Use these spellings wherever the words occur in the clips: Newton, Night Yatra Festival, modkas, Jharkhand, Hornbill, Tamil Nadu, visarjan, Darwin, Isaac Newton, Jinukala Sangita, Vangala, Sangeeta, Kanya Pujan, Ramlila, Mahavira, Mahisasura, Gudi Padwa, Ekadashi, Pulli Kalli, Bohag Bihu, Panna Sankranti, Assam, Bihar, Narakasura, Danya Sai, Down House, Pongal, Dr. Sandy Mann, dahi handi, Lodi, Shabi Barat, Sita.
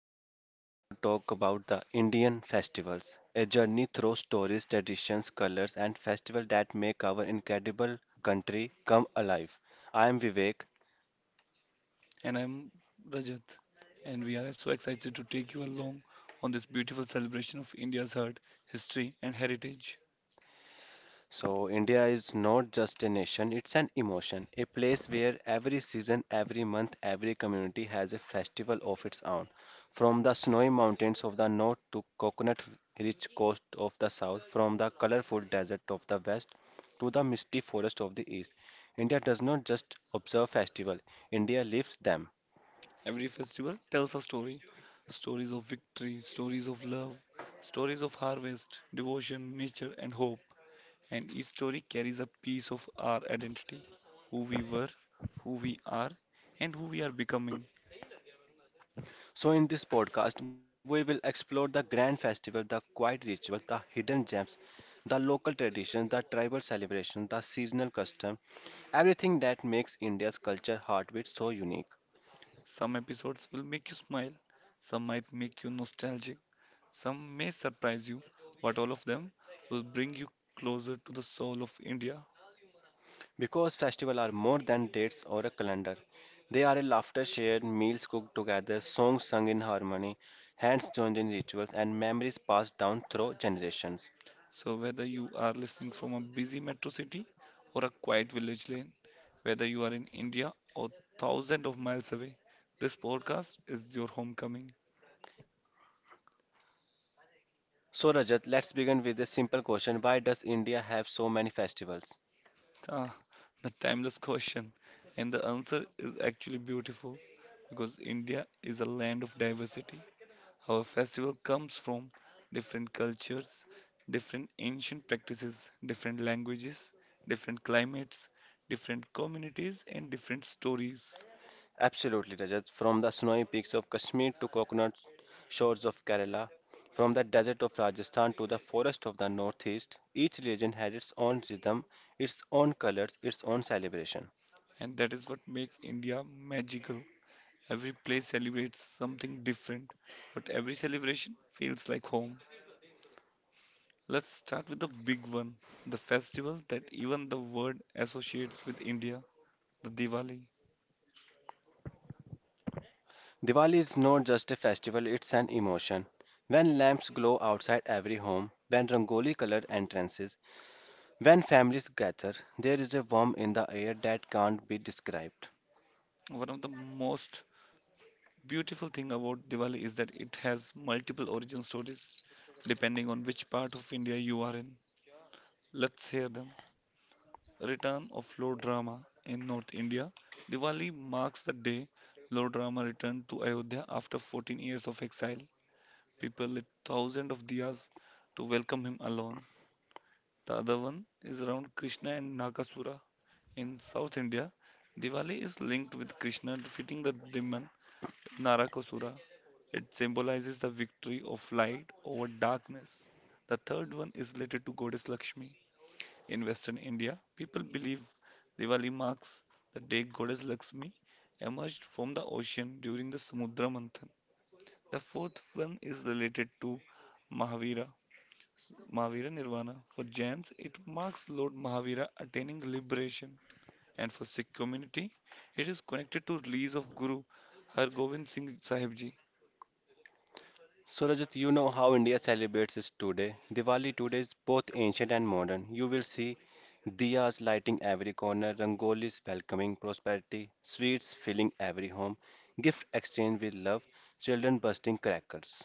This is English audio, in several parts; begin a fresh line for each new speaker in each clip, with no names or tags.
today we are going to talk about the Indian festivals, a journey through stories, traditions, colors, and festivals that make our incredible country come alive. I am Vivek.
And I'm Rajat, and we are so excited to take you along on this beautiful celebration of India's heart, history, and heritage.
So, India is not just a nation, it's an emotion, a place where every season, every month, every community has a festival of its own. From the snowy mountains of the north to coconut rich coast of the south, from the colorful desert of the west to the misty forest of the east, India does not just observe festival, India lives them.
Every festival tells a story, stories of victory, stories of love, stories of harvest, devotion, nature, and hope. And each story carries a piece of our identity, who we were, who we are, and who we are becoming.
So, in this podcast, we will explore the grand festival, the quiet ritual, the hidden gems, the local traditions, the tribal celebration, the seasonal custom, everything that makes India's culture heartbeat so unique.
Some episodes will make you smile, some might make you nostalgic, some may surprise you, but all of them will bring you closer to the soul of India.
Because festivals are more than dates or a calendar, they are a laughter shared, meals cooked together, songs sung in harmony, hands joined in rituals, and memories passed down through generations.
So, whether you are listening from a busy metro city or a quiet village lane, whether you are in India or thousands of miles away, this podcast is your homecoming.
So, Rajat, let's begin with a simple question. Why does India have so many festivals?
Ah, the timeless question. And the answer is actually beautiful because India is a land of diversity. Our festival comes from different cultures, different ancient practices, different languages, different climates, different communities, and different stories.
Absolutely, Rajat. From the snowy peaks of Kashmir to coconut shores of Kerala, from the desert of Rajasthan to the forest of the northeast, each region has its own rhythm, its own colors, its own celebration.
And that is what makes India magical. Every place celebrates something different, but every celebration feels like home. Let's start with the big one, the festival that even the world associates with India, the Diwali.
Diwali is not just a festival, it's an emotion. When lamps glow outside every home, when rangoli colored entrances, when families gather, there is a warmth in the air that can't be described.
One of the most beautiful thing about Diwali is that it has multiple origin stories depending on which part of India you are in. Let's hear them. Return of Lord Rama in North India. Diwali marks the day Lord Rama returned to Ayodhya after 14 years of exile. People lit thousands of diyas to welcome him alone. The other one is around Krishna and Nagasura. In South India, Diwali is linked with Krishna defeating the demon Narakasura. It symbolizes the victory of light over darkness. The third one is related to goddess Lakshmi. In Western India, people believe Diwali marks the day goddess Lakshmi emerged from the ocean during the Samudra Manthan. The fourth one is related to Mahavira. Mahavira Nirvana. For Jains, it marks Lord Mahavira attaining liberation, and for Sikh community, it is connected to release of Guru Har Gobind Singh Sahib Ji.
So Rajat, you know how India celebrates it today. Diwali today is both ancient and modern. You will see diyas lighting every corner, rangolis welcoming prosperity, sweets filling every home, gift exchange with love, children bursting crackers.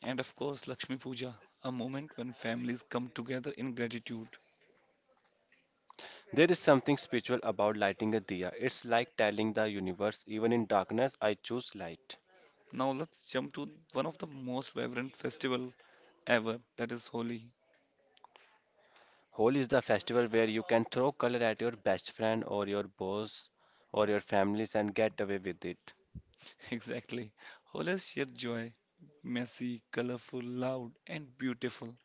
And of course, Lakshmi Puja, a moment when families come together in gratitude.
There is something spiritual about lighting a diya. It's like telling the universe, even in darkness, I choose light.
Now let's jump to one of the most vibrant festival ever, that is Holi.
Holi is the festival where you can throw color at your best friend or your boss or your families and get away with it.
Exactly. Holi is sheer joy, messy, colorful, loud, and beautiful.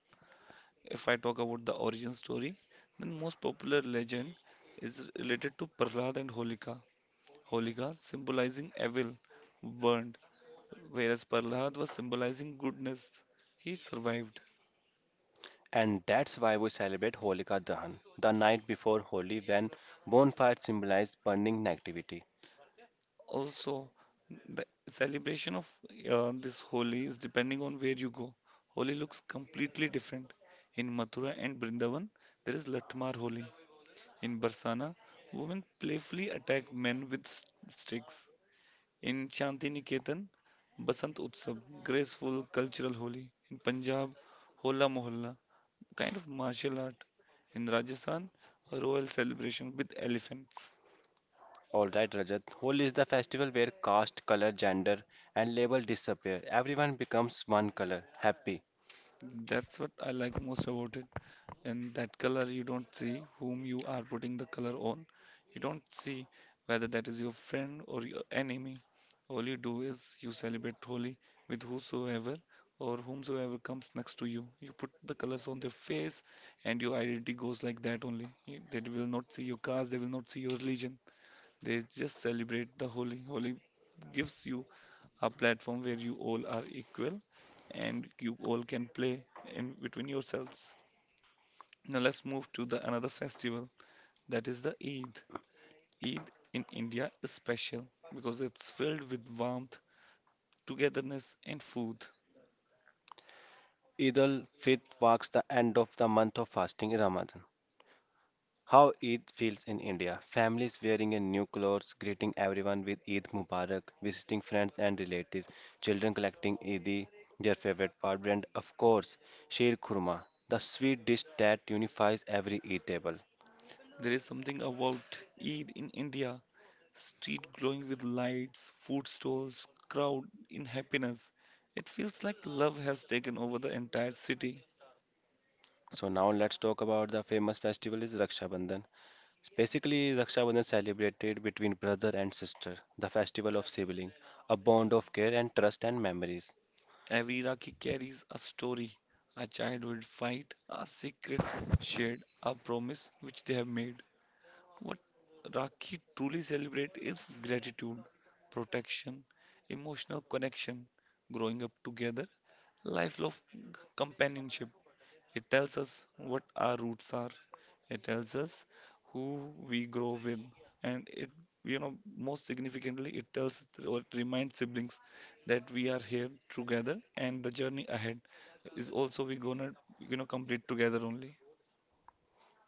If I talk about the origin story, then most popular legend is related to Prahlad and Holika. Holika symbolizing evil, burned, whereas Prahlad was symbolizing goodness. He survived.
And that's why we celebrate Holika Dahan, the night before Holi when bonfires symbolize burning negativity.
Also, the celebration of this Holi is depending on where you go. Holi looks completely different. In Mathura and Brindavan, there is Latmar Holi. In Barsana, women playfully attack men with sticks. In Shantiniketan, Basant Utsav, graceful cultural Holi. In Punjab, Hola Mohalla, kind of martial art. In Rajasthan, a royal celebration with elephants.
Alright, Rajat, Holi is the festival where caste, color, gender, and label disappear. Everyone becomes one color, happy.
That's what I like most about it. And that color, you don't see whom you are putting the color on, you don't see whether that is your friend or your enemy. All you do is you celebrate holy with whosoever or whomsoever comes next to you, you put the colors on their face, and your identity goes like that only. They will not see your caste, they will not see your religion, they just celebrate the holy. Holy gives you a platform where you all are equal and you all can play in between yourselves. Now let's move to the another festival, that is the Eid. Eid in India is special because it's filled with warmth, togetherness and food.
Eid al Fitr marks the end of the month of fasting Ramadan. How Eid feels in India. Families wearing a new clothes, greeting everyone with Eid Mubarak, visiting friends and relatives, children collecting Eid, their favorite part, and of course, Sheer Khurma, the sweet dish that unifies every Eid table.
There is something about Eid in India, street glowing with lights, food stalls, crowd in happiness. It feels like love has taken over the entire city.
So now let's talk about the famous festival is Raksha Bandhan. Basically, Raksha Bandhan celebrated between brother and sister, the festival of sibling, a bond of care and trust and memories.
Every Rakhi carries a story, a childhood fight, a secret shared, a promise which they have made. What Rakhi truly celebrates is gratitude, protection, emotional connection, growing up together, lifelong companionship. It tells us what our roots are. It tells us who we grow with, and it, you know, most significantly, it tells or it reminds siblings that we are here together, and the journey ahead is also we gonna, you know, complete together only.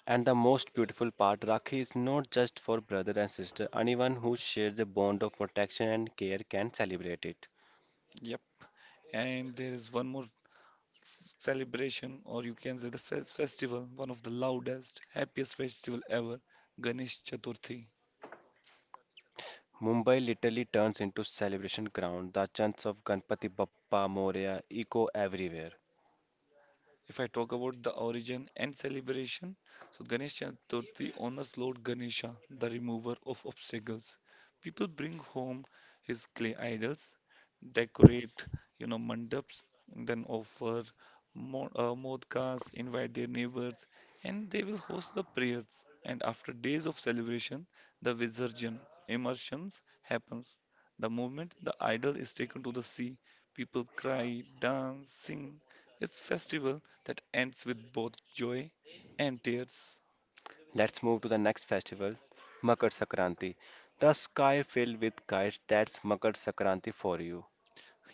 And the most beautiful part, Rakhi is not just for brother and sister. Anyone who shares a bond of protection and care can celebrate it.
Yep. And there is one more celebration, or you can say the festival, one of the loudest, happiest festival ever, Ganesh Chaturthi.
Mumbai literally turns into celebration ground. The chants of Ganpati Bappa Moria echo everywhere.
If I talk about the origin and celebration, so Ganesh Chaturthi honors Lord Ganesha, the remover of obstacles. People bring home his clay idols, decorate, you know, mandaps, then offer modkas, invite their neighbors, and they will host the prayers. And after days of celebration, the visarjan immersions happens. The moment the idol is taken to the sea, people cry, dance, sing. It's festival that ends with both joy and tears.
Let's move to the next festival, Makar Sakranti. The sky filled with kites, that's Makar Sakranti for you.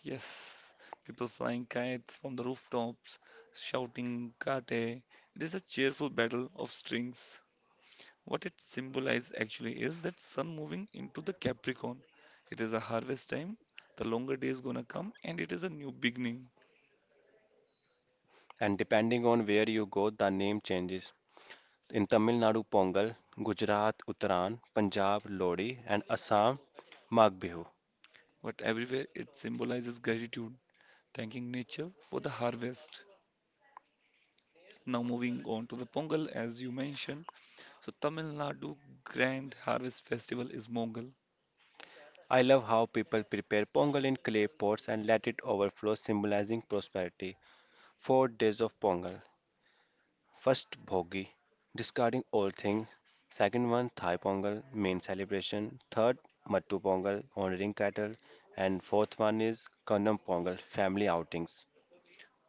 Yes, people flying kites from the rooftops, shouting kate. It is a cheerful battle of strings. What it symbolizes actually is that sun moving into the Capricorn. It is a harvest time, the longer day is gonna come, and it is a new beginning.
And depending on where you go, the name changes. In Tamil Nadu, Pongal, Gujarat, Uttaran, Punjab, Lodi, and Assam, Magh Bihu.
But everywhere it symbolizes gratitude, thanking nature for the harvest. Now moving on to the Pongal, as you mentioned, so Tamil Nadu Grand Harvest Festival is Mongal.
I love how people prepare pongal in clay pots and let it overflow, symbolizing prosperity. 4 days of pongal. First, bhogi, discarding all things. Second one, Thai pongal, main celebration. Third, mattu pongal, honoring cattle. And fourth one is kannam pongal, family outings.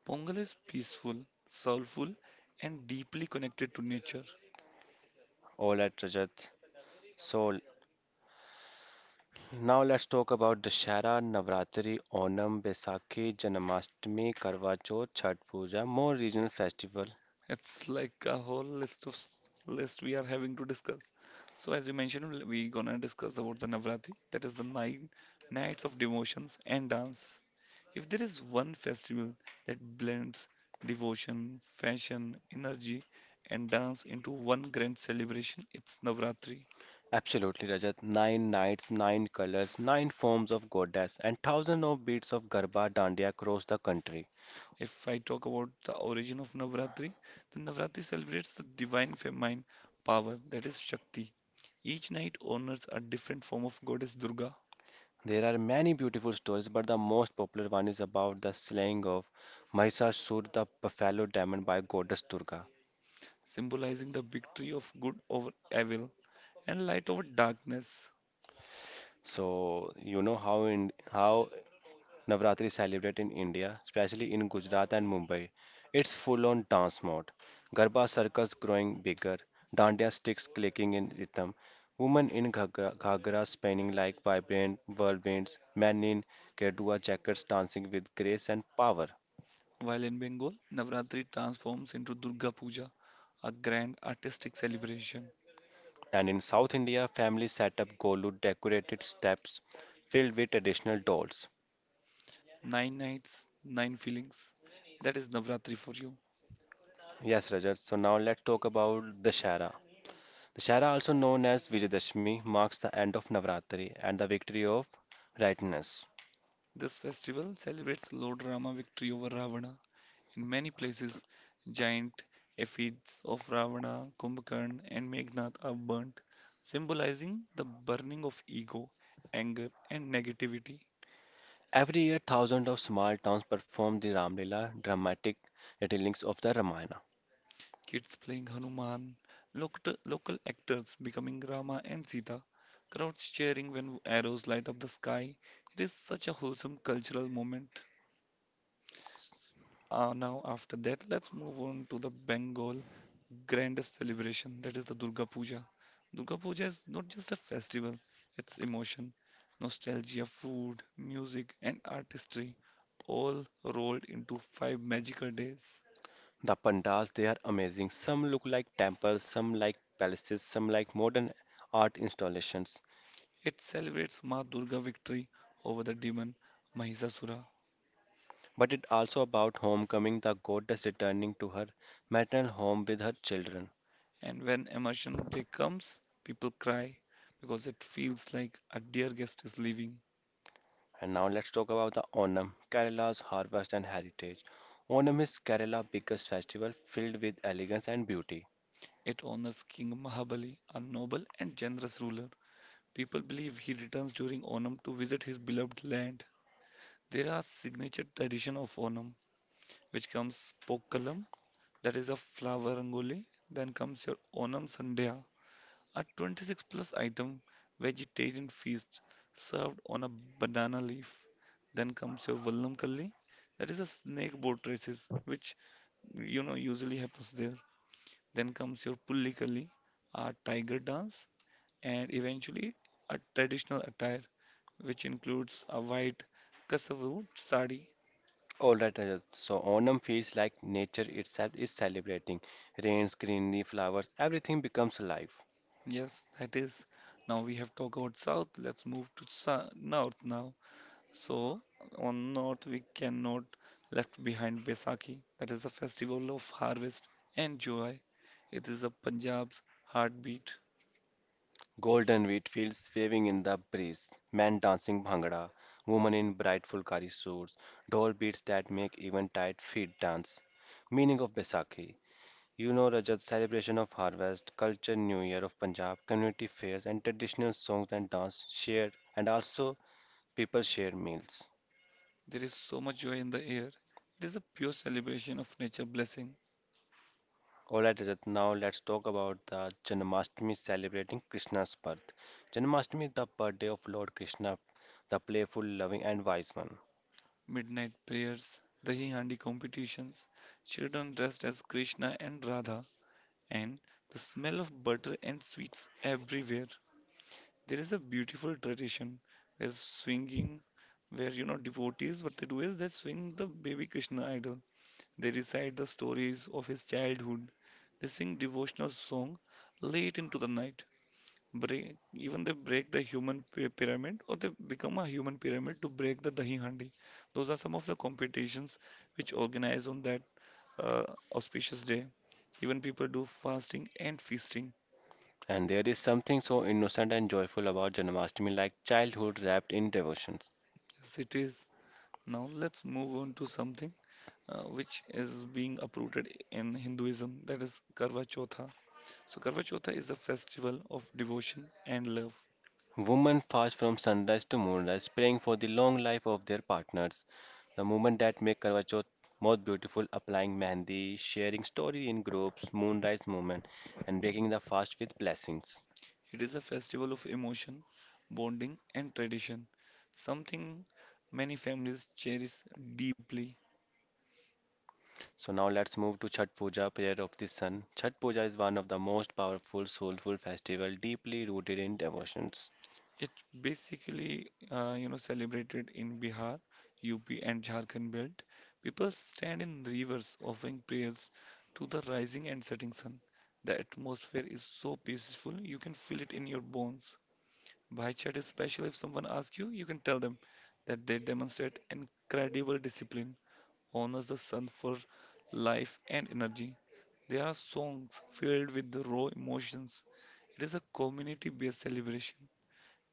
Pongal is peaceful, soulful, and deeply connected to nature.
All at Rajat. So now let's talk about Dashara, Navratri, Onam, Besakhi, Janmashtami, Karva Chauth, Chhath Puja, more regional festival.
It's like a whole list we are having to discuss. So as you mentioned, we're gonna discuss about the Navratri, that is the nine nights of devotions and dance. If there is one festival that blends devotion, fashion, energy, and dance into one grand celebration, it's Navratri.
Absolutely, Rajat. Nine nights, nine colors, nine forms of goddess, and thousands of beats of Garba Dandiya across the country.
If I talk about the origin of Navratri, then Navratri celebrates the divine feminine power, that is Shakti. Each night honors a different form of goddess Durga,
There are many beautiful stories, but the most popular one is about the slaying of Mahishasur, the buffalo demon, by goddess Durga.
symbolizing the victory of good over evil and light over darkness.
So you know how Navratri is celebrated in India, especially in Gujarat and Mumbai. It's full on dance mode. Garba circles growing bigger, dandiya sticks clicking in rhythm, women in ghagra spinning like vibrant whirlwinds, men in kedua jackets dancing with grace and power.
While in Bengal, Navratri transforms into Durga Puja, a grand artistic celebration.
And in South India, families set up golu decorated steps filled with traditional dolls.
Nine nights, nine feelings. That is Navratri for you.
Yes, Rajat, so now let's talk about Dashera. Dussehra, also known as Vijayadashami, marks the end of Navratri and the victory of rightness.
This festival celebrates Lord Rama's victory over Ravana. In many places, giant effigies of Ravana, Kumbhakarna, and Meghnad are burnt, symbolizing the burning of ego, anger, and negativity.
Every year, thousands of small towns perform the Ramlila dramatic retellings of the Ramayana.
Kids playing Hanuman, local actors becoming Rama and Sita, crowds cheering when arrows light up the sky. It is such a wholesome cultural moment. Now, after that, let's move on to the Bengal grandest celebration, that is the Durga Puja. Durga Puja is not just a festival, it's emotion, nostalgia, food, music, and artistry all rolled into five magical days.
The pandals they are amazing. Some look like temples, some like palaces, some like modern art installations.
It celebrates Ma Durga victory over the demon Mahisasura.
But it also about homecoming, the goddess returning to her maternal home with her children.
And when Immersion Day comes, people cry because it feels like a dear guest is leaving.
And now let's talk about the Onam, Kerala's harvest and heritage. Onam is Kerala's biggest festival filled with elegance and beauty.
It honors King Mahabali, a noble and generous ruler. People believe he returns during Onam to visit his beloved land. There are signature tradition of Onam, which comes Pokalam, that is a flower rangoli. Then comes your Onam Sandhya, a 26 plus item vegetarian feast served on a banana leaf. Then comes your Vallam Kalli, that is a snake boat races, which you know usually happens there. Then comes your Pulli Kalli, a tiger dance, and eventually a traditional attire, which includes a white Kasavu sari.
Alright, Rajat, so Onam feels like nature itself is celebrating. Rains, greenery, flowers, everything becomes alive.
Yes, that is. Now we have talked about south. Let's move to north now. So on north we cannot left behind Baisakhi. That is the festival of harvest and joy. It is a Punjab's heartbeat.
Golden wheat fields waving in the breeze, men dancing bhangra, women in bright fulkari suits, doll beats that make even tired feet dance. Meaning of Baisakhi. You know Rajat, celebration of harvest, culture new year of Punjab, community fairs and traditional songs and dance shared and also people share meals.
There is so much joy in the air. It is a pure celebration of nature blessing.
Alright Rajat, now let's talk about the Janmashtami celebrating Krishna's birth. Janmashtami is the birthday of Lord Krishna, the playful, loving and wise one.
Midnight prayers, dahi handi competitions, children dressed as Krishna and Radha, and the smell of butter and sweets everywhere. There is a beautiful tradition where swinging, where you know devotees what they do is they swing the baby Krishna idol. They recite the stories of his childhood. They sing devotional song late into the night. Break, even they break the human pyramid or they become a human pyramid to break the dahi handi. Those are some of the competitions which organize on that uh, auspicious day. Even people do fasting and feasting.
And there is something so innocent and joyful about Janmashtami like childhood wrapped in devotion.
Yes, it is. Now let's move on to something which is being uprooted in Hinduism, that is Karva Chautha. So, Karva Chautha is a festival of devotion and love.
Women fast from sunrise to moonrise, praying for the long life of their partners. The movement that make Karwa Chauth most beautiful, applying mehndi, sharing story in groups, moonrise movement, and breaking the fast with blessings.
It is a festival of emotion, bonding, and tradition, something many families cherish deeply.
So now let's move to Chhat Puja, prayer of the sun. Chhat Puja is one of the most powerful, soulful festival, deeply rooted in devotions.
It basically, you know, celebrated in Bihar, UP, and Jharkhand belt. People stand in rivers offering prayers to the rising and setting sun. The atmosphere is so peaceful, you can feel it in your bones. Bhai Chat is special. If someone asks you, you can tell them that they demonstrate incredible discipline, honors the sun for life and energy. There are songs filled with the raw emotions. It is a community-based celebration.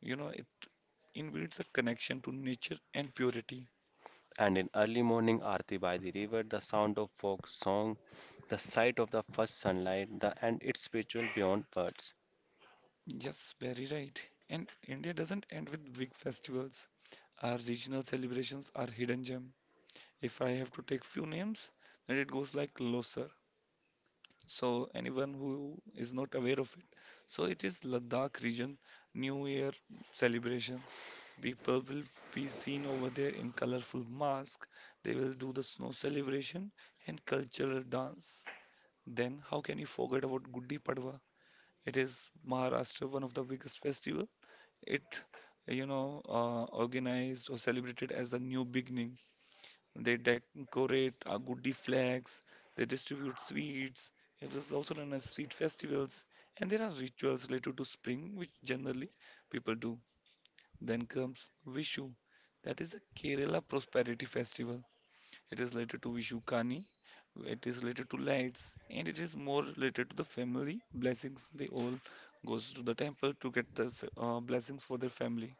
You know, it invites a connection to nature and purity.
And in early morning aarti by the river, the sound of folk song, the sight of the first sunlight, the and its spiritual beyond words.
Yes, very right. And India doesn't end with big festivals. Our regional celebrations are hidden gem. If I have to take few names, then it goes like Losar. So anyone who is not aware of it, so it is Ladakh region New Year celebration. People will be seen over there in colorful masks. They will do the snow celebration and cultural dance. Then how can you forget about Gudi Padwa? It is Maharashtra, one of the biggest festival. It, Organized or celebrated as the new beginning, they decorate our goody flags, they distribute sweets. It is also known as sweet festivals, and there are rituals related to spring, which generally people do. Then comes Vishu, that is a Kerala prosperity festival. It is related to Vishu Kani, it is related to lights, and it is more related to the family blessings. They all goes to the temple to get the blessings for their family.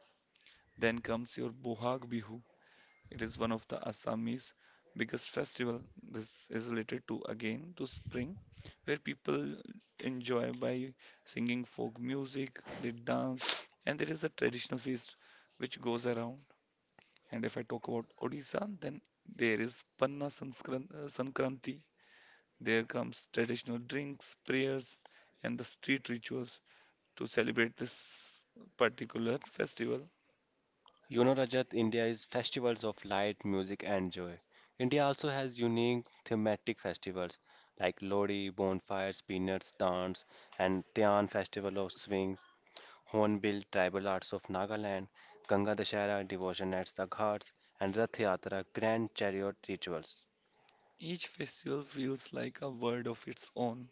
Then comes your Bohag Bihu. It is one of the Assamese biggest festival. This is related to again to spring, where people enjoy by singing folk music, they dance, and there is a traditional feast which goes around. And if I talk about Odisha, then there is Panna Sankranti. There comes traditional drinks, prayers, and the street rituals to celebrate this particular festival.
You know, Rajat, India is festivals of light, music, and joy. India also has unique thematic festivals like Lodi, bonfires, peanuts, dance, and Tian Festival of Swings, Hornbill, tribal arts of Nagaland, Ganga Dashera, devotion at the ghats, and Rath Yatra, grand chariot rituals.
Each festival feels like a world of its own.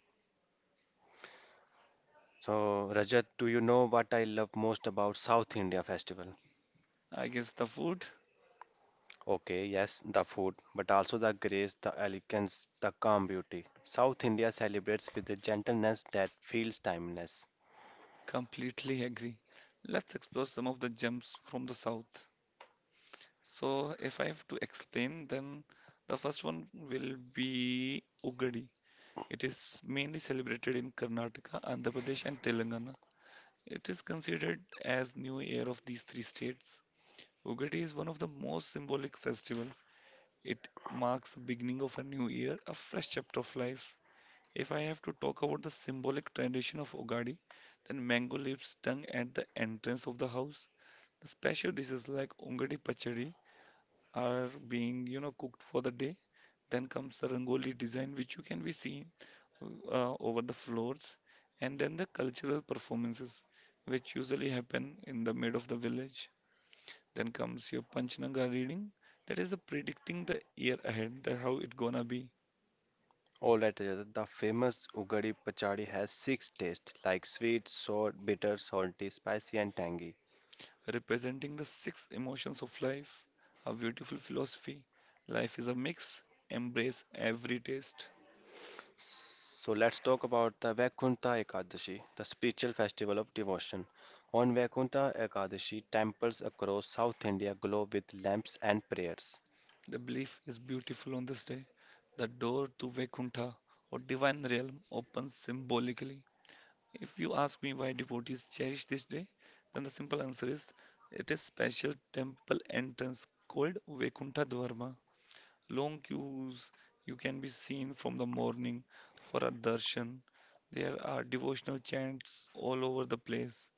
So, Rajat, do you know what I love most about South India festival?
I guess the food?
Okay, yes, the food, but also the grace, the elegance, the calm beauty. South India celebrates with a gentleness that feels timeless.
Completely agree. Let's explore some of the gems from the south. So, if I have to explain, then the first one will be Ugadi. It is mainly celebrated in Karnataka, Andhra Pradesh, and Telangana. It is considered as New Year of these three states. Ugadi is one of the most symbolic festival. It marks the beginning of a new year, a fresh chapter of life. If I have to talk about the symbolic tradition of Ogadi, then mango leaves tongue at the entrance of the house. The special dishes like Ongadi Pachadi are cooked for the day. Then comes the Rangoli design, which you can be seen over the floors, and then the cultural performances, which usually happen in the mid of the village. Then comes your Panchananga reading, that is the predicting the year ahead, that how it gonna be.
All right, altogether, the famous Ugadi Pachadi has six tastes like sweet, sour, bitter, salty, spicy, and tangy.
Representing the six emotions of life, a beautiful philosophy. Life is a mix, embrace every taste.
So let's talk about the Vaikuntha Ekadashi, the spiritual festival of devotion. On Vaikuntha Ekadashi, temples across South India glow with lamps and prayers.
The belief is beautiful on this day. The door to Vaikuntha or divine realm opens symbolically. If you ask me why devotees cherish this day, then the simple answer is it is special temple entrance called Vaikuntha Dwarma. Long queues you can be seen from the morning for a darshan. There are devotional chants all over the place.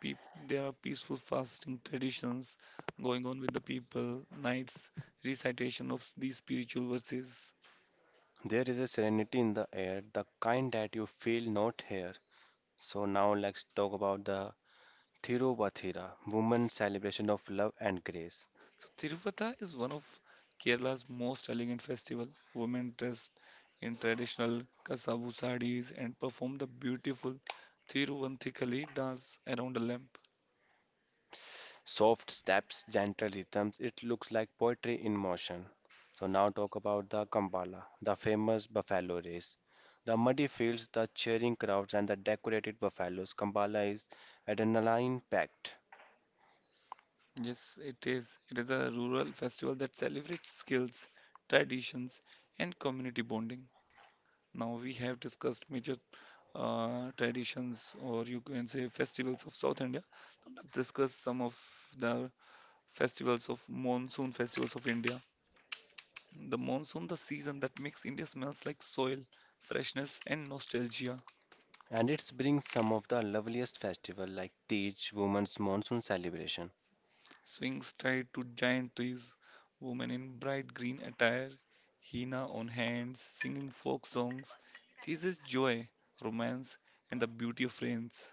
Peop There are peaceful fasting traditions going on with the people, nights, recitation of these spiritual verses.
There is a serenity in the air, the kind that you feel not here. So now let's talk about the Thiruvathira, woman's celebration of love and grace.
So Tiruvata is one of Kerala's most elegant festival. Women dressed in traditional kasavu sarees and perform the beautiful Thiruvanthikali dance around a lamp.
Soft steps, gentle rhythms, it looks like poetry in motion. So now talk about the Kambala, the famous buffalo race. The muddy fields, the cheering crowds, and the decorated buffaloes. Kambala is adrenaline-packed,
Yes, it is. It is a rural festival that celebrates skills, traditions, and community bonding. Now, we have discussed major traditions, or you can say festivals of South India. Now, let's discuss some of the festivals of monsoon festivals of India. The monsoon, the season that makes India smells like soil, freshness, and nostalgia.
and it brings some of the loveliest festivals like Tej, Women's Monsoon Celebration.
Swings tied to giant trees, women in bright green attire, henna on hands, singing folk songs. This is joy, romance, and the beauty of rains.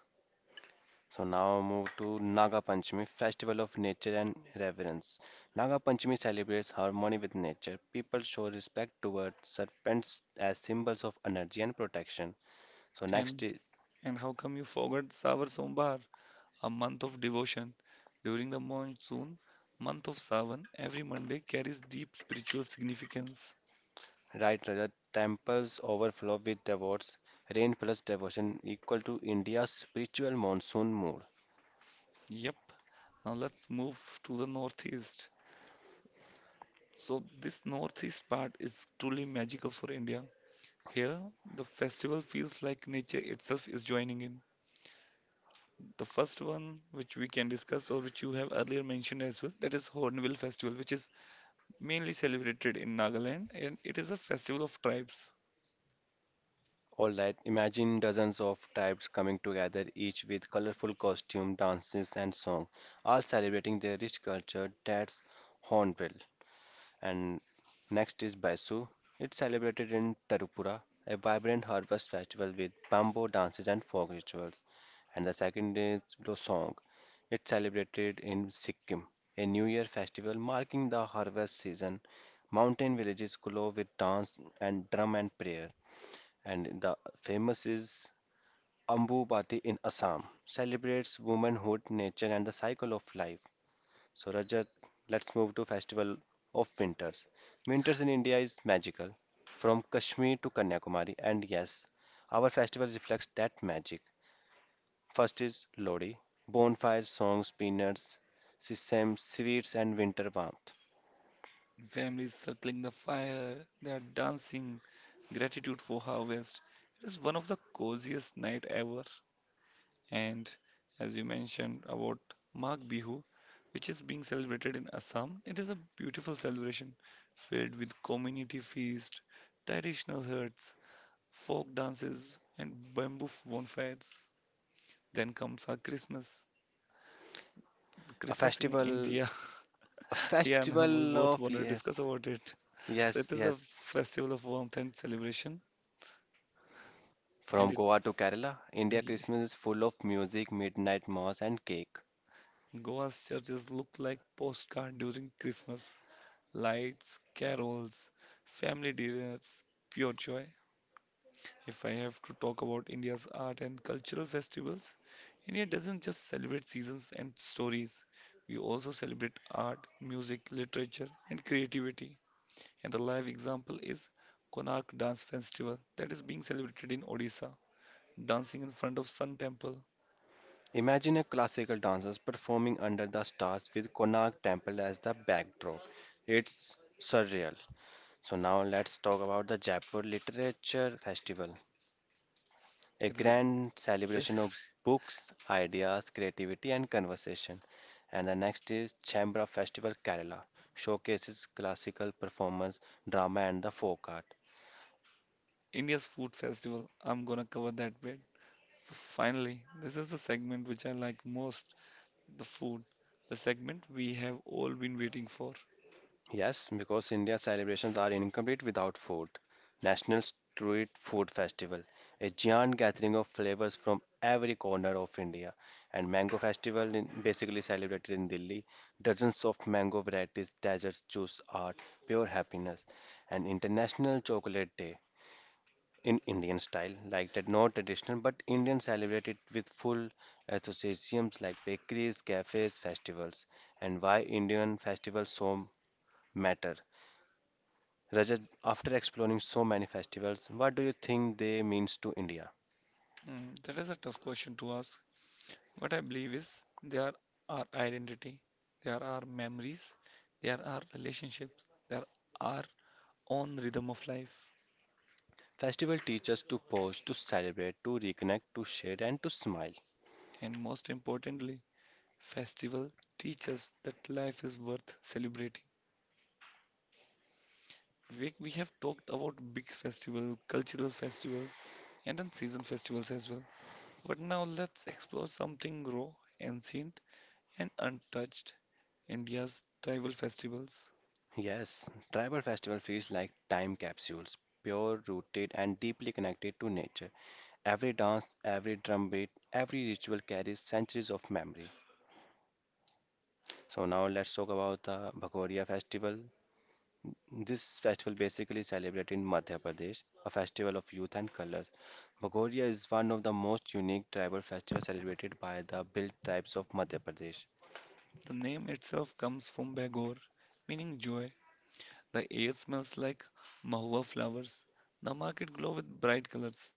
So now move to Naga Panchami, festival of nature and reverence. Naga Panchami celebrates harmony with nature. People show respect toward serpents as symbols of energy and protection. So next
And
is
and how come you forgot Savar Sombar, a month of devotion? During the monsoon, month of Savan, every Monday carries deep spiritual significance.
right the temples overflow with devotees. Rain plus devotion equal to India's spiritual monsoon mood.
Yep. Now let's move to the northeast. So this northeast part is truly magical for India. Here, the festival feels like nature itself is joining in. The first one, which we can discuss, or which you have earlier mentioned as well, that is Hornbill Festival, which is mainly celebrated in Nagaland, and it is a festival of tribes.
All right, imagine dozens of tribes coming together, each with colorful costume, dances, and song, all celebrating their rich culture. That's Hornbill. And next is Baisu. It's celebrated in Tarupura, a vibrant harvest festival with bamboo dances and folk rituals. And the second is Losong. It's celebrated in Sikkim, a New Year festival marking the harvest season. Mountain villages glow with dance and drum and prayer. And the famous is Ambubati in Assam, celebrates womanhood, nature, and the cycle of life. So, Rajat, let's move to Festival of Winters. Winters in India is magical, from Kashmir to Kanyakumari, and yes, our festival reflects that magic. First is Lodi, bonfires, songs, peanuts, systems, sweets, and winter warmth.
Families circling the fire, they are dancing, gratitude for harvest. It is one of the coziest night ever. And as you mentioned about Magh Bihu, which is being celebrated in Assam, it is a beautiful celebration filled with community feast, traditional huts, folk dances, and bamboo bonfires. Then comes our Christmas. The
A
Christmas in
festival,
India.
a
Yeah, now we
festival
both
of
want to
yes,
discuss about it. So
Yes,
it is a
yes.
festival of warmth and celebration,
From
and it
Goa to Kerala, India Christmas is full of music, midnight mass, and cake.
Goa's churches look like postcard during Christmas. Lights, carols, family dinners, pure joy. If I have to talk about India's art and cultural festivals, India doesn't just celebrate seasons and stories, we also celebrate art, music, literature, and creativity. And the live example is Konark Dance Festival that is being celebrated in Odisha. Dancing in front of Sun Temple.
Imagine a classical dancers performing under the stars with Konark Temple as the backdrop. It's surreal. So now let's talk about the Jaipur Literature Festival, a
It is
grand
a,
celebration of books, ideas, creativity and conversation. And the next is Chambra Festival Kerala, showcases classical performance, drama and the folk art.
India's food festival. I'm gonna cover that bit. So finally, this is the segment which I like most. The food, the segment we have all been waiting for.
Yes, because India's celebrations are incomplete without food. National Street Food Festival, a giant gathering of flavors from every corner of India, and Mango Festival, in, basically celebrated in Delhi. Dozens of mango varieties, desserts, juice are pure happiness. And International Chocolate Day in Indian style, like that, not traditional, but Indian celebrate it with full associations like bakeries, cafes, festivals. And why Indian festivals so matter? Rajat, after exploring so many festivals, what do you think they means to India?
Hmm, that is a tough question to ask. What I believe is they are our identity, they are our memories, they are our relationships, they are our own rhythm of life.
Festival teach us to pause, to celebrate, to reconnect, to share, and to smile.
And most importantly, festival teach us that life is worth celebrating. We have talked about big festival, cultural festivals, and then season festivals as well. But now let's explore something raw, ancient, and untouched India's tribal festivals.
Yes, tribal festival feels like time capsules, pure rooted and deeply connected to nature. Every dance, every drum beat, every ritual carries centuries of memory. So now let's talk about the Bhagoria festival. This festival basically celebrated in Madhya Pradesh, a festival of youth and colors. Bagoria is one of the most unique tribal festivals celebrated by the built tribes of Madhya Pradesh.
The name itself comes from Bagor, meaning joy. The air smells like mahua flowers, the market glow with bright colors,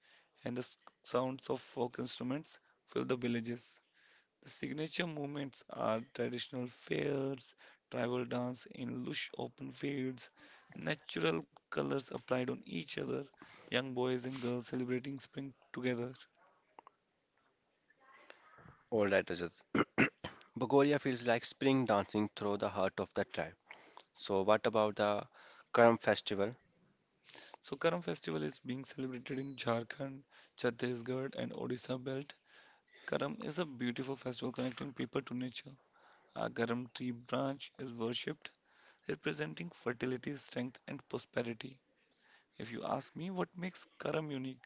and the sounds of folk instruments fill the villages. The signature movements are traditional fairs, tribal dance in lush open fields, natural colors applied on each other, young boys and girls celebrating spring together.
All right, Rajat. Bagoria feels like spring dancing through the heart of the tribe. So, what about the Karm festival?
So Karam festival is being celebrated in Jharkhand, Chhattisgarh and Odisha belt. Karam is a beautiful festival connecting people to nature. A Karam tree branch is worshipped, representing fertility, strength and prosperity. If you ask me what makes Karam unique,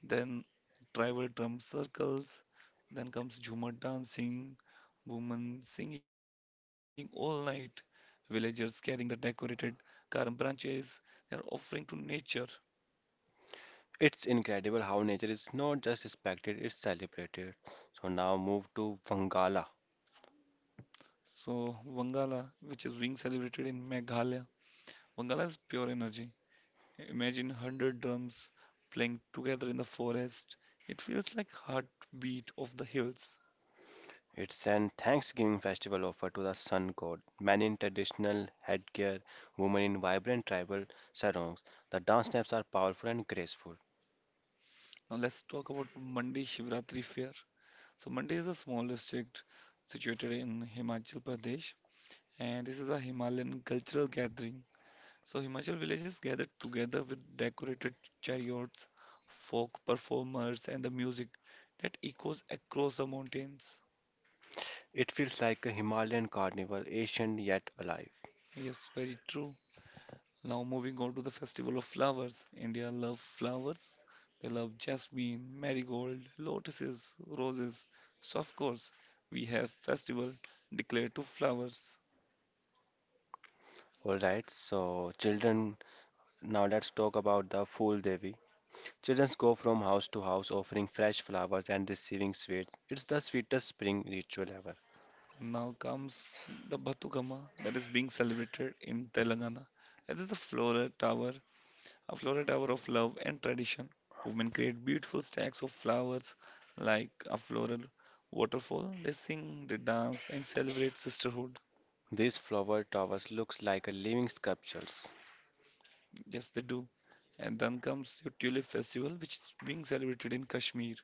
then tribal drum circles, then comes Jhumar dancing, women singing all night, villagers carrying the decorated Karam branches, they are offering to nature.
It's incredible how nature is not just respected, it's celebrated. So, now move to Vangala.
So, Wangala, which is being celebrated in Meghalaya, Wangala is pure energy. Imagine 100 drums playing together in the forest. It feels like heartbeat of the hills.
It's an Thanksgiving festival offered to the sun god. Men in traditional headgear, women in vibrant tribal sarongs. The dance steps are powerful and graceful.
Now let's talk about Mandi Shivratri Fair. So Mandi is a small district situated in Himachal Pradesh and this is a Himalayan cultural gathering. So Himachal villages gathered together with decorated chariots, folk performers and the music that echoes across the mountains.
It feels like a Himalayan carnival, ancient yet alive.
Yes, very true. Now moving on to the festival of flowers. India love flowers. They love jasmine, marigold, lotuses, roses. So of course, we have festival declared to flowers.
Alright, so children, now let's talk about the Fool Devi. Children go from house to house offering fresh flowers and receiving sweets. It's the sweetest spring ritual ever.
Now comes the Batukama that is being celebrated in Telangana. It is a floral tower of love and tradition. Women create beautiful stacks of flowers like a floral waterfall. They sing, they dance, and celebrate sisterhood.
These flower towers looks like a living sculptures.
Yes, they do. And then comes your Tulip Festival, which is being celebrated in Kashmir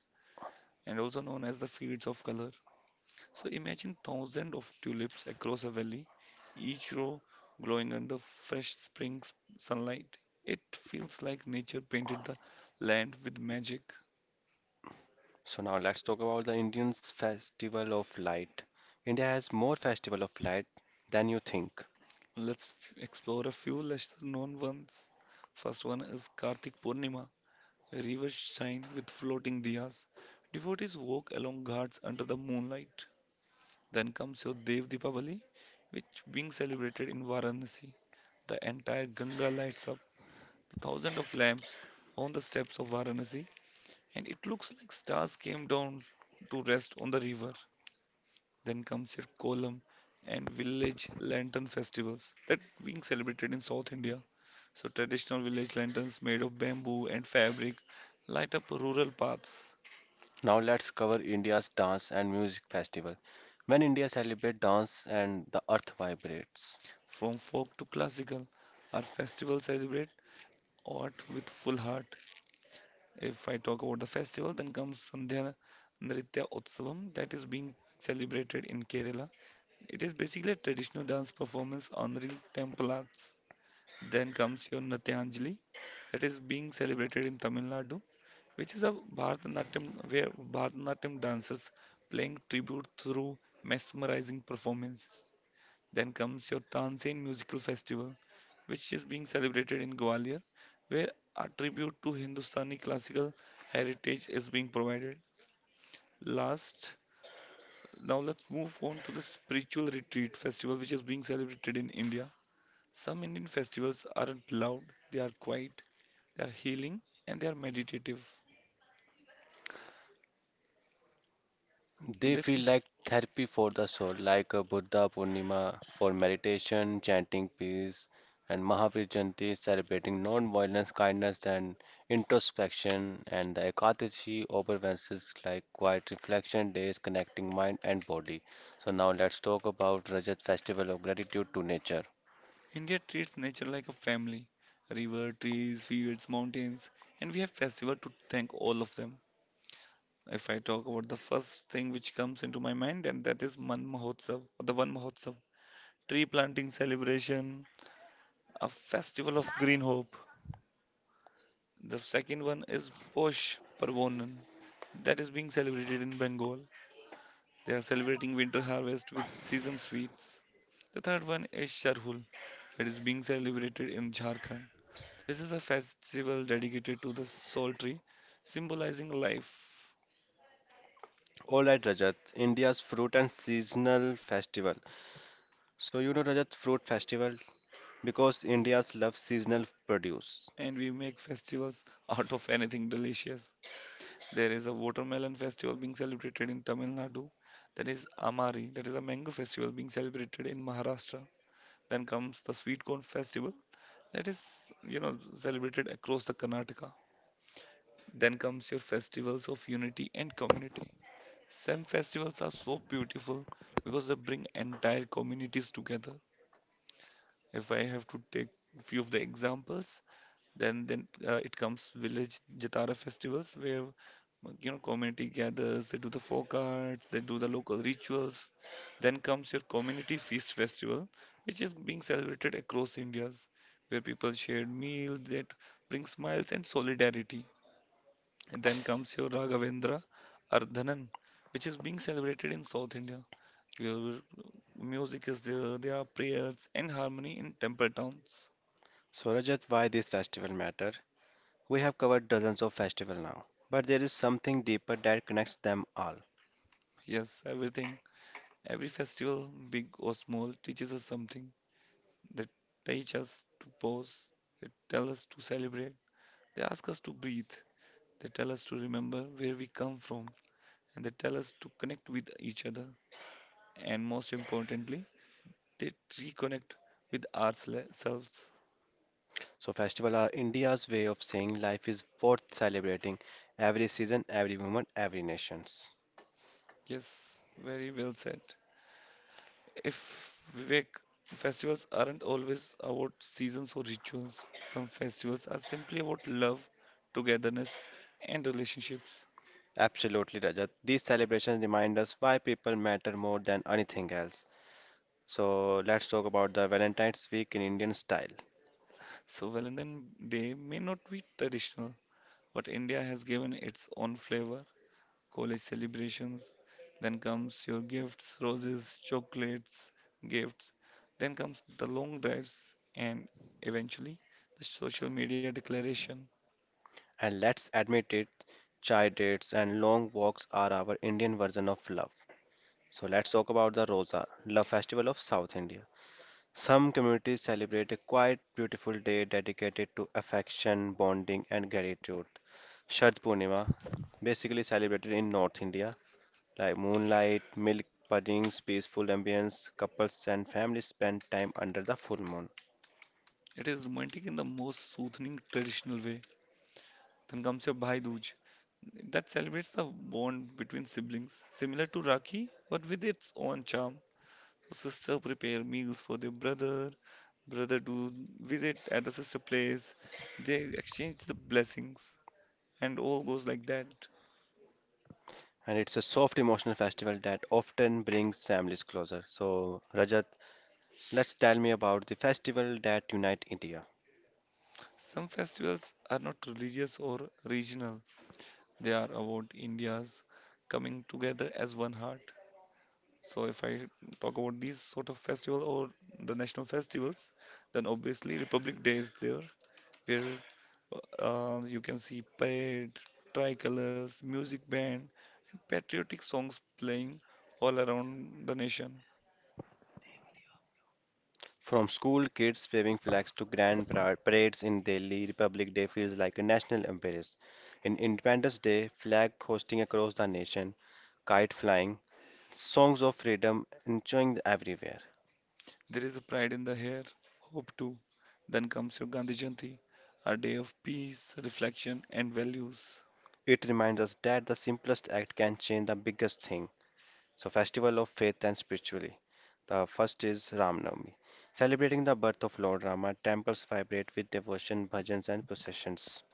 and also known as the Fields of Color. So imagine thousands of tulips across a valley, each row glowing under fresh spring sunlight. It feels like nature painted the land with magic.
So now let's talk about the Indian's Festival of Light. India has more Festival of Light than you think.
Let's explore a few lesser known ones. First one is Kartik Purnima, rivers shine with floating diyas. Devotees walk along ghats under the moonlight. Then comes your Dev Deepavali, which being celebrated in Varanasi. The entire Ganga lights up, with thousands of lamps on the steps of Varanasi, and it looks like stars came down to rest on the river. Then comes your Kolam and village lantern festivals that being celebrated in South India. So traditional village lanterns made of bamboo and fabric light up rural paths.
Now let's cover India's dance and music festival. When India celebrates dance and the earth vibrates.
From folk to classical, our festivals celebrate art with full heart. If I talk about the festival, then comes Sandhya Nritya Utsavam that is being celebrated in Kerala. It is basically a traditional dance performance honoring temple arts. Then comes your Natyanjali that is being celebrated in Tamil Nadu, which is a Bharatanatyam where Bharatanatyam dancers playing tribute through mesmerizing performances. Then comes your Tanzanian Musical Festival, which is being celebrated in Gwalior, where a tribute to Hindustani classical heritage is being provided. Last, now let's move on to the Spiritual Retreat Festival, which is being celebrated in India. Some Indian festivals aren't loud, they are quiet, they are healing, and they are meditative.
They
They
feel
feel
like therapy for the soul, like a Buddha Purnima for meditation, chanting peace, and Mahavir Jayanti celebrating non-violence, kindness, and introspection, and the Ekadashi observances like quiet reflection days connecting mind and body. So now let's talk about Rajat Festival of Gratitude to Nature.
India treats nature like a family river, trees, fields, mountains, and we have festival to thank all of them. If I talk about the first thing which comes into my mind, and that is Man Mahotsav, or the Van Mahotsav, tree planting celebration, a festival of green hope. The second one is Posh Parvonan, that is being celebrated in Bengal. They are celebrating winter harvest with season sweets. The third one is Sharhul, that is being celebrated in Jharkhand. This is a festival dedicated to the soul tree, symbolizing life
All right, Rajat, India's fruit and seasonal festival. So you know Rajat, fruit festival because India's love seasonal produce.
and we make festivals out of anything delicious. There is a watermelon festival being celebrated in Tamil Nadu. That is Amari. That is a mango festival being celebrated in Maharashtra. Then comes the sweet corn festival. That is, celebrated across the Karnataka. Then comes your festivals of unity and community. Some festivals are so beautiful because they bring entire communities together. If I have to take few of the examples, then it comes village Jatara festivals where community gathers, they do the folk arts, they do the local rituals. Then comes your community feast festival, which is being celebrated across India's, where people share meals that bring smiles and solidarity. And then comes your Raghavendra Ardhanan, which is being celebrated in South India, where music is there, there are prayers and harmony in temple towns.
So, Rajat, why these festivals matter? We have covered dozens of festivals now, but there is something deeper that connects them all.
Yes, everything. Every festival, big or small, teaches us something. They teach us to pause. They tell us to celebrate. They ask us to breathe. They tell us to remember where we come from. And they tell us to connect with each other. And most importantly, they reconnect with ourselves.
So, festivals are India's way of saying life is worth celebrating every season, every moment, every nation.
Yes, very well said. If Vivek, festivals aren't always about seasons or rituals. Some festivals are simply about love, togetherness, and relationships.
Absolutely, Rajat. These celebrations remind us why people matter more than anything else. So, let's talk about the Valentine's Week in Indian style.
So Valentine Day may not be traditional, but India has given its own flavor. College celebrations, then comes your gifts, roses, chocolates, gifts, then comes the long drives and eventually the social media declaration.
And let's admit it, chai dates and long walks are our Indian version of love. So let's talk about the Rosa, love festival of South India. Some communities celebrate a quiet, beautiful day dedicated to affection, bonding, and gratitude. Shad Purnima, basically celebrated in North India, like moonlight, milk puddings, peaceful ambience, couples and families spend time under the full moon.
It is romantic in the most soothing traditional way. Then comes your Bhai Dooj that celebrates the bond between siblings, similar to Rakhi but with its own charm. Sister prepare meals for their brother. Brother do visit at the sister place. They exchange the blessings, and all goes like that.
And it's a soft emotional festival that often brings families closer. So Rajat, let's tell me about the festival that unite India.
Some festivals are not religious or regional. They are about India's coming together as one heart. So if I talk about these sort of festival or the national festivals, then obviously Republic Day is there, where you can see parade, tricolors, music band, and patriotic songs playing all around the nation.
From school kids waving flags to grand parades in Delhi, Republic Day feels like a national embrace. In Independence Day, flag hosting across the nation, kite flying, songs of freedom enjoying everywhere.
There is a pride in the hair, hope too. Then comes your Gandhi Jayanti, a day of peace, reflection, and values.
It reminds us that the simplest act can change the biggest thing. So, festival of faith and spirituality. The first is Ramnavami, celebrating the birth of Lord Rama. Temples vibrate with devotion, bhajans, and processions.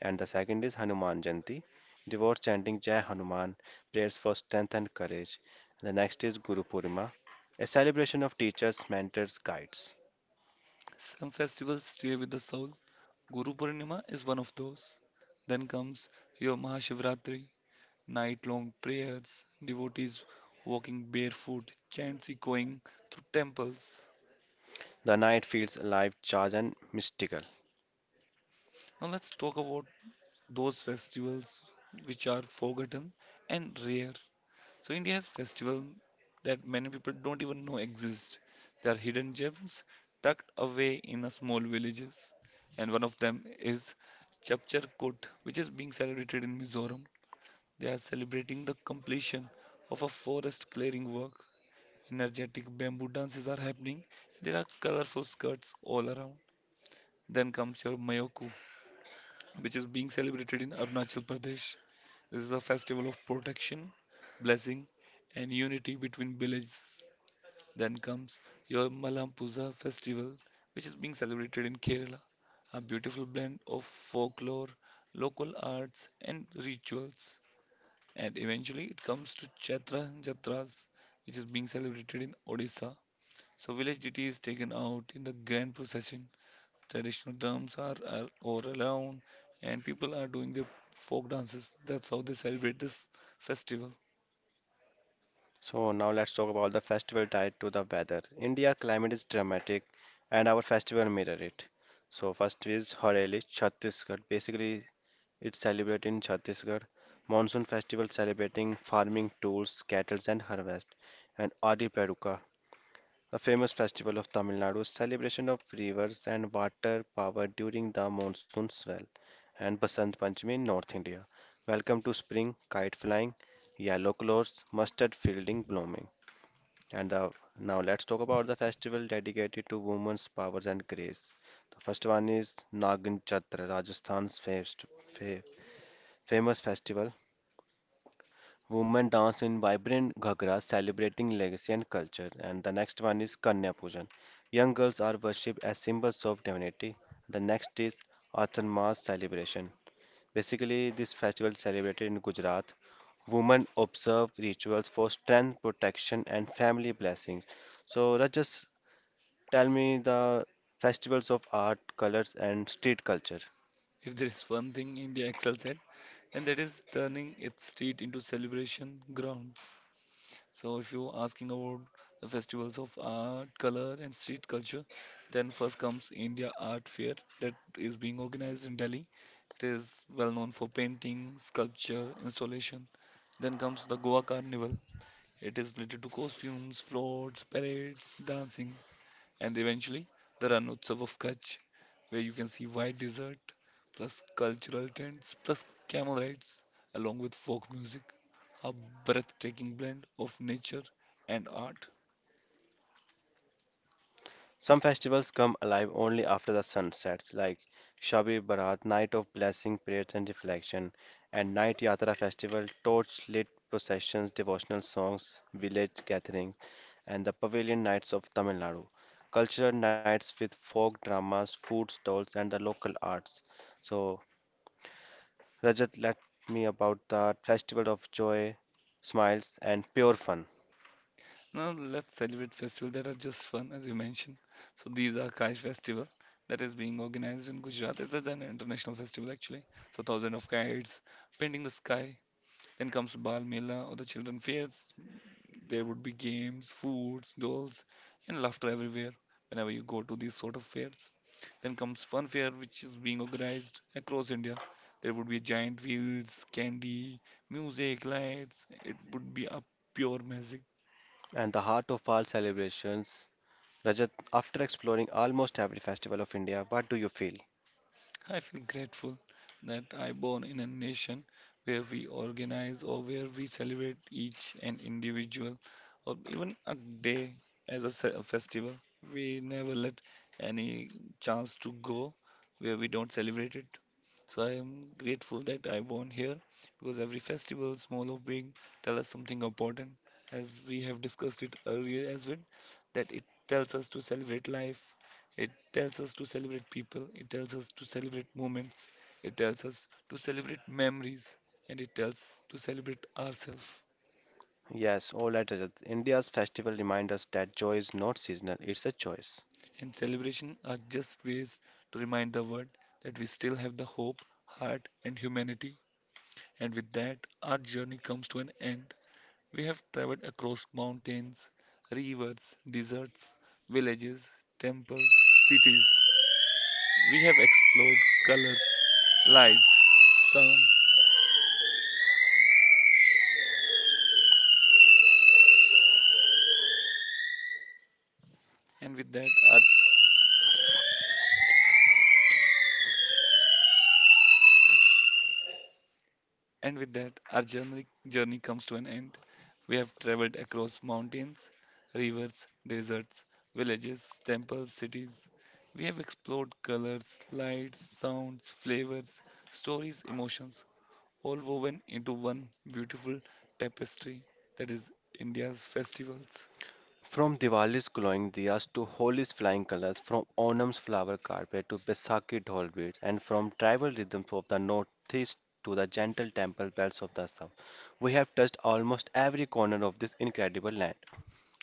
And the second is Hanuman Jayanti, devout chanting Jai Hanuman, prayers for strength and courage. The next is Guru Purnima, a celebration of teachers, mentors, guides.
Some festivals stay with the soul. Guru Purnima is one of those. Then comes your Mahashivratri, night long prayers, devotees walking barefoot, chants echoing through temples.
The night feels alive, charged, and mystical.
Now let's talk about those festivals which are forgotten and rare. So India has festivals that many people don't even know exist. They are hidden gems tucked away in a small villages. And one of them is Chapchar Kut, which is being celebrated in Mizoram. They are celebrating the completion of a forest clearing work. Energetic bamboo dances are happening. There are colorful skirts all around. Then comes your Mayoku, which is being celebrated in Arunachal Pradesh. This is a festival of protection, blessing, and unity between villages. Then comes your Malampuza festival, which is being celebrated in Kerala. A beautiful blend of folklore, local arts, and rituals. And eventually it comes to Chaitra Jatras, which is being celebrated in Odisha. So village deity is taken out in the grand procession. Traditional drums are all around, and people are doing their folk dances. That's how they celebrate this festival.
So, now let's talk about the festival tied to the weather. India climate is dramatic, and our festival mirror it. So, first is Horeli, Chhattisgarh. Basically, it's celebrated in Chhattisgarh. Monsoon festival celebrating farming tools, cattle, and harvest. And Adi Paduka, a famous festival of Tamil Nadu's celebration of rivers and water power during the monsoon swell, and Basant Panchami in North India. Welcome to spring, kite flying, yellow clothes, mustard fielding blooming. And the, now let's talk about the festival dedicated to women's powers and grace. The first one is Nagan Chatra, Rajasthan's first, fa- famous festival. Women dance in vibrant ghagras, celebrating legacy and culture. And the next one is Kanya Pujan. Young girls are worshipped as symbols of divinity. The next is Atharmas celebration. Basically, this festival celebrated in Gujarat. Women observe rituals for strength, protection, and family blessings. So, Rajas, tell me the festivals of art, colors, and street culture.
If there is one thing India excels at, then that is turning its street into celebration grounds. So if you're asking about the festivals of art, color, and street culture, then first comes India Art Fair that is being organized in Delhi. It is well known for painting, sculpture, installation. Then comes the Goa Carnival. It is related to costumes, floats, parades, dancing, and eventually the Ranotsav of Kutch, where you can see white desert, plus cultural tents, plus camel rides, along with folk music. A breathtaking blend of nature and art.
Some festivals come alive only after the sun sets, like Shabi Barat, Night of Blessing, Prayers and Reflection, and Night Yatra Festival, torch lit processions, devotional songs, village gatherings, and the Pavilion Nights of Tamil Nadu. Cultural nights with folk dramas, food stalls, and the local arts. So, Rajat, let me about the festival of joy, smiles, and pure fun,
Now let's celebrate festivals that are just fun, as you mentioned. So these are Kaish Festival that is being organized in Gujarat. It is an international festival actually. So thousands of kites painting the sky. Then comes Bal Mela or the children fairs. There would be games, foods, dolls, and laughter everywhere whenever you go to these sort of fairs. Then comes Fun Fair, which is being organized across India. There would be giant wheels, candy, music, lights. It would be a pure magic.
and the heart of all celebrations. Rajat, after exploring almost every festival of India, what do you feel?
I feel grateful that I born in a nation where we organize or where we celebrate each and individual or even a day as a, a festival. We never let any chance to go where we don't celebrate it. So I am grateful that I born here because every festival, small or big, tell us something important. As we have discussed it earlier as well, that it tells us to celebrate life, it tells us to celebrate people, it tells us to celebrate moments, it tells us to celebrate memories, and it tells us to celebrate ourselves.
Yes, all right, Rajat. India's festival remind us that joy is not seasonal, it's a choice.
And celebration are just ways to remind the world that we still have the hope, heart, and humanity. And with that, our journey comes to an end. We have traveled across mountains, rivers, deserts, villages, temples, cities. We have explored colors, lights, sounds, and with that, our And with that, our journey comes to an end. We have traveled across mountains, rivers, deserts, villages, temples, cities. We have explored colors, lights, sounds, flavors, stories, emotions, all woven into one beautiful tapestry that is India's festivals.
From Diwali's glowing diyas to Holi's flying colors, from Onam's flower carpet to Baisakhi dhol beats, and from tribal rhythms of the northeast to the gentle temple bells of the south, we have touched almost every corner of this incredible land.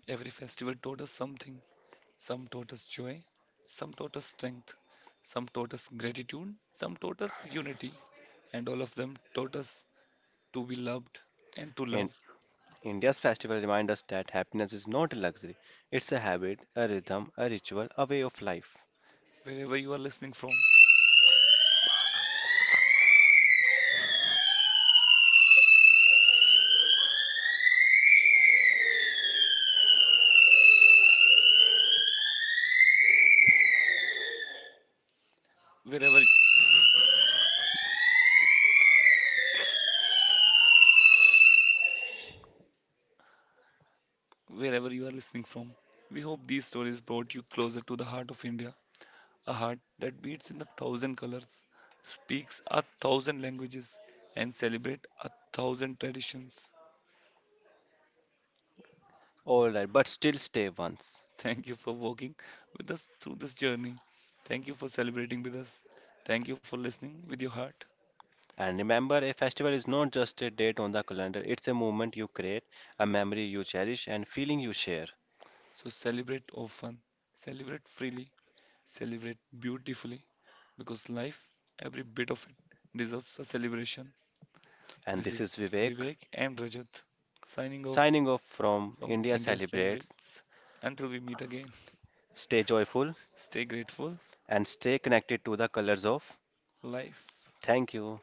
Every festival taught us something. Some taught us joy, some taught us strength, some taught us gratitude, some taught us unity, and all of them taught us to be loved and to
And
love
India's festival remind us that happiness is not a luxury, it's a habit, a rhythm, a ritual, a way of life.
wherever you are listening from. Wherever wherever you are listening from. We hope these stories brought you closer to the heart of India, a heart that beats in a thousand colors, speaks a thousand languages, and celebrates a thousand traditions.
Alright, but still stay once.
Thank you for walking with us through this journey. Thank you for celebrating with us. Thank you for listening with your heart.
And remember, a festival is not just a date on the calendar, it's a moment you create, a memory you cherish, and feeling you share.
So celebrate often, celebrate freely, celebrate beautifully because life, every bit of it, deserves a celebration.
And
This
this is
is
Vivek,
Vivek and Rajat signing off
signing off from
from
India
India
Celebrates.
Celebrates. Until we meet again,
Stay joyful
stay grateful.
and stay connected to the colors of.
Life.
Thank you.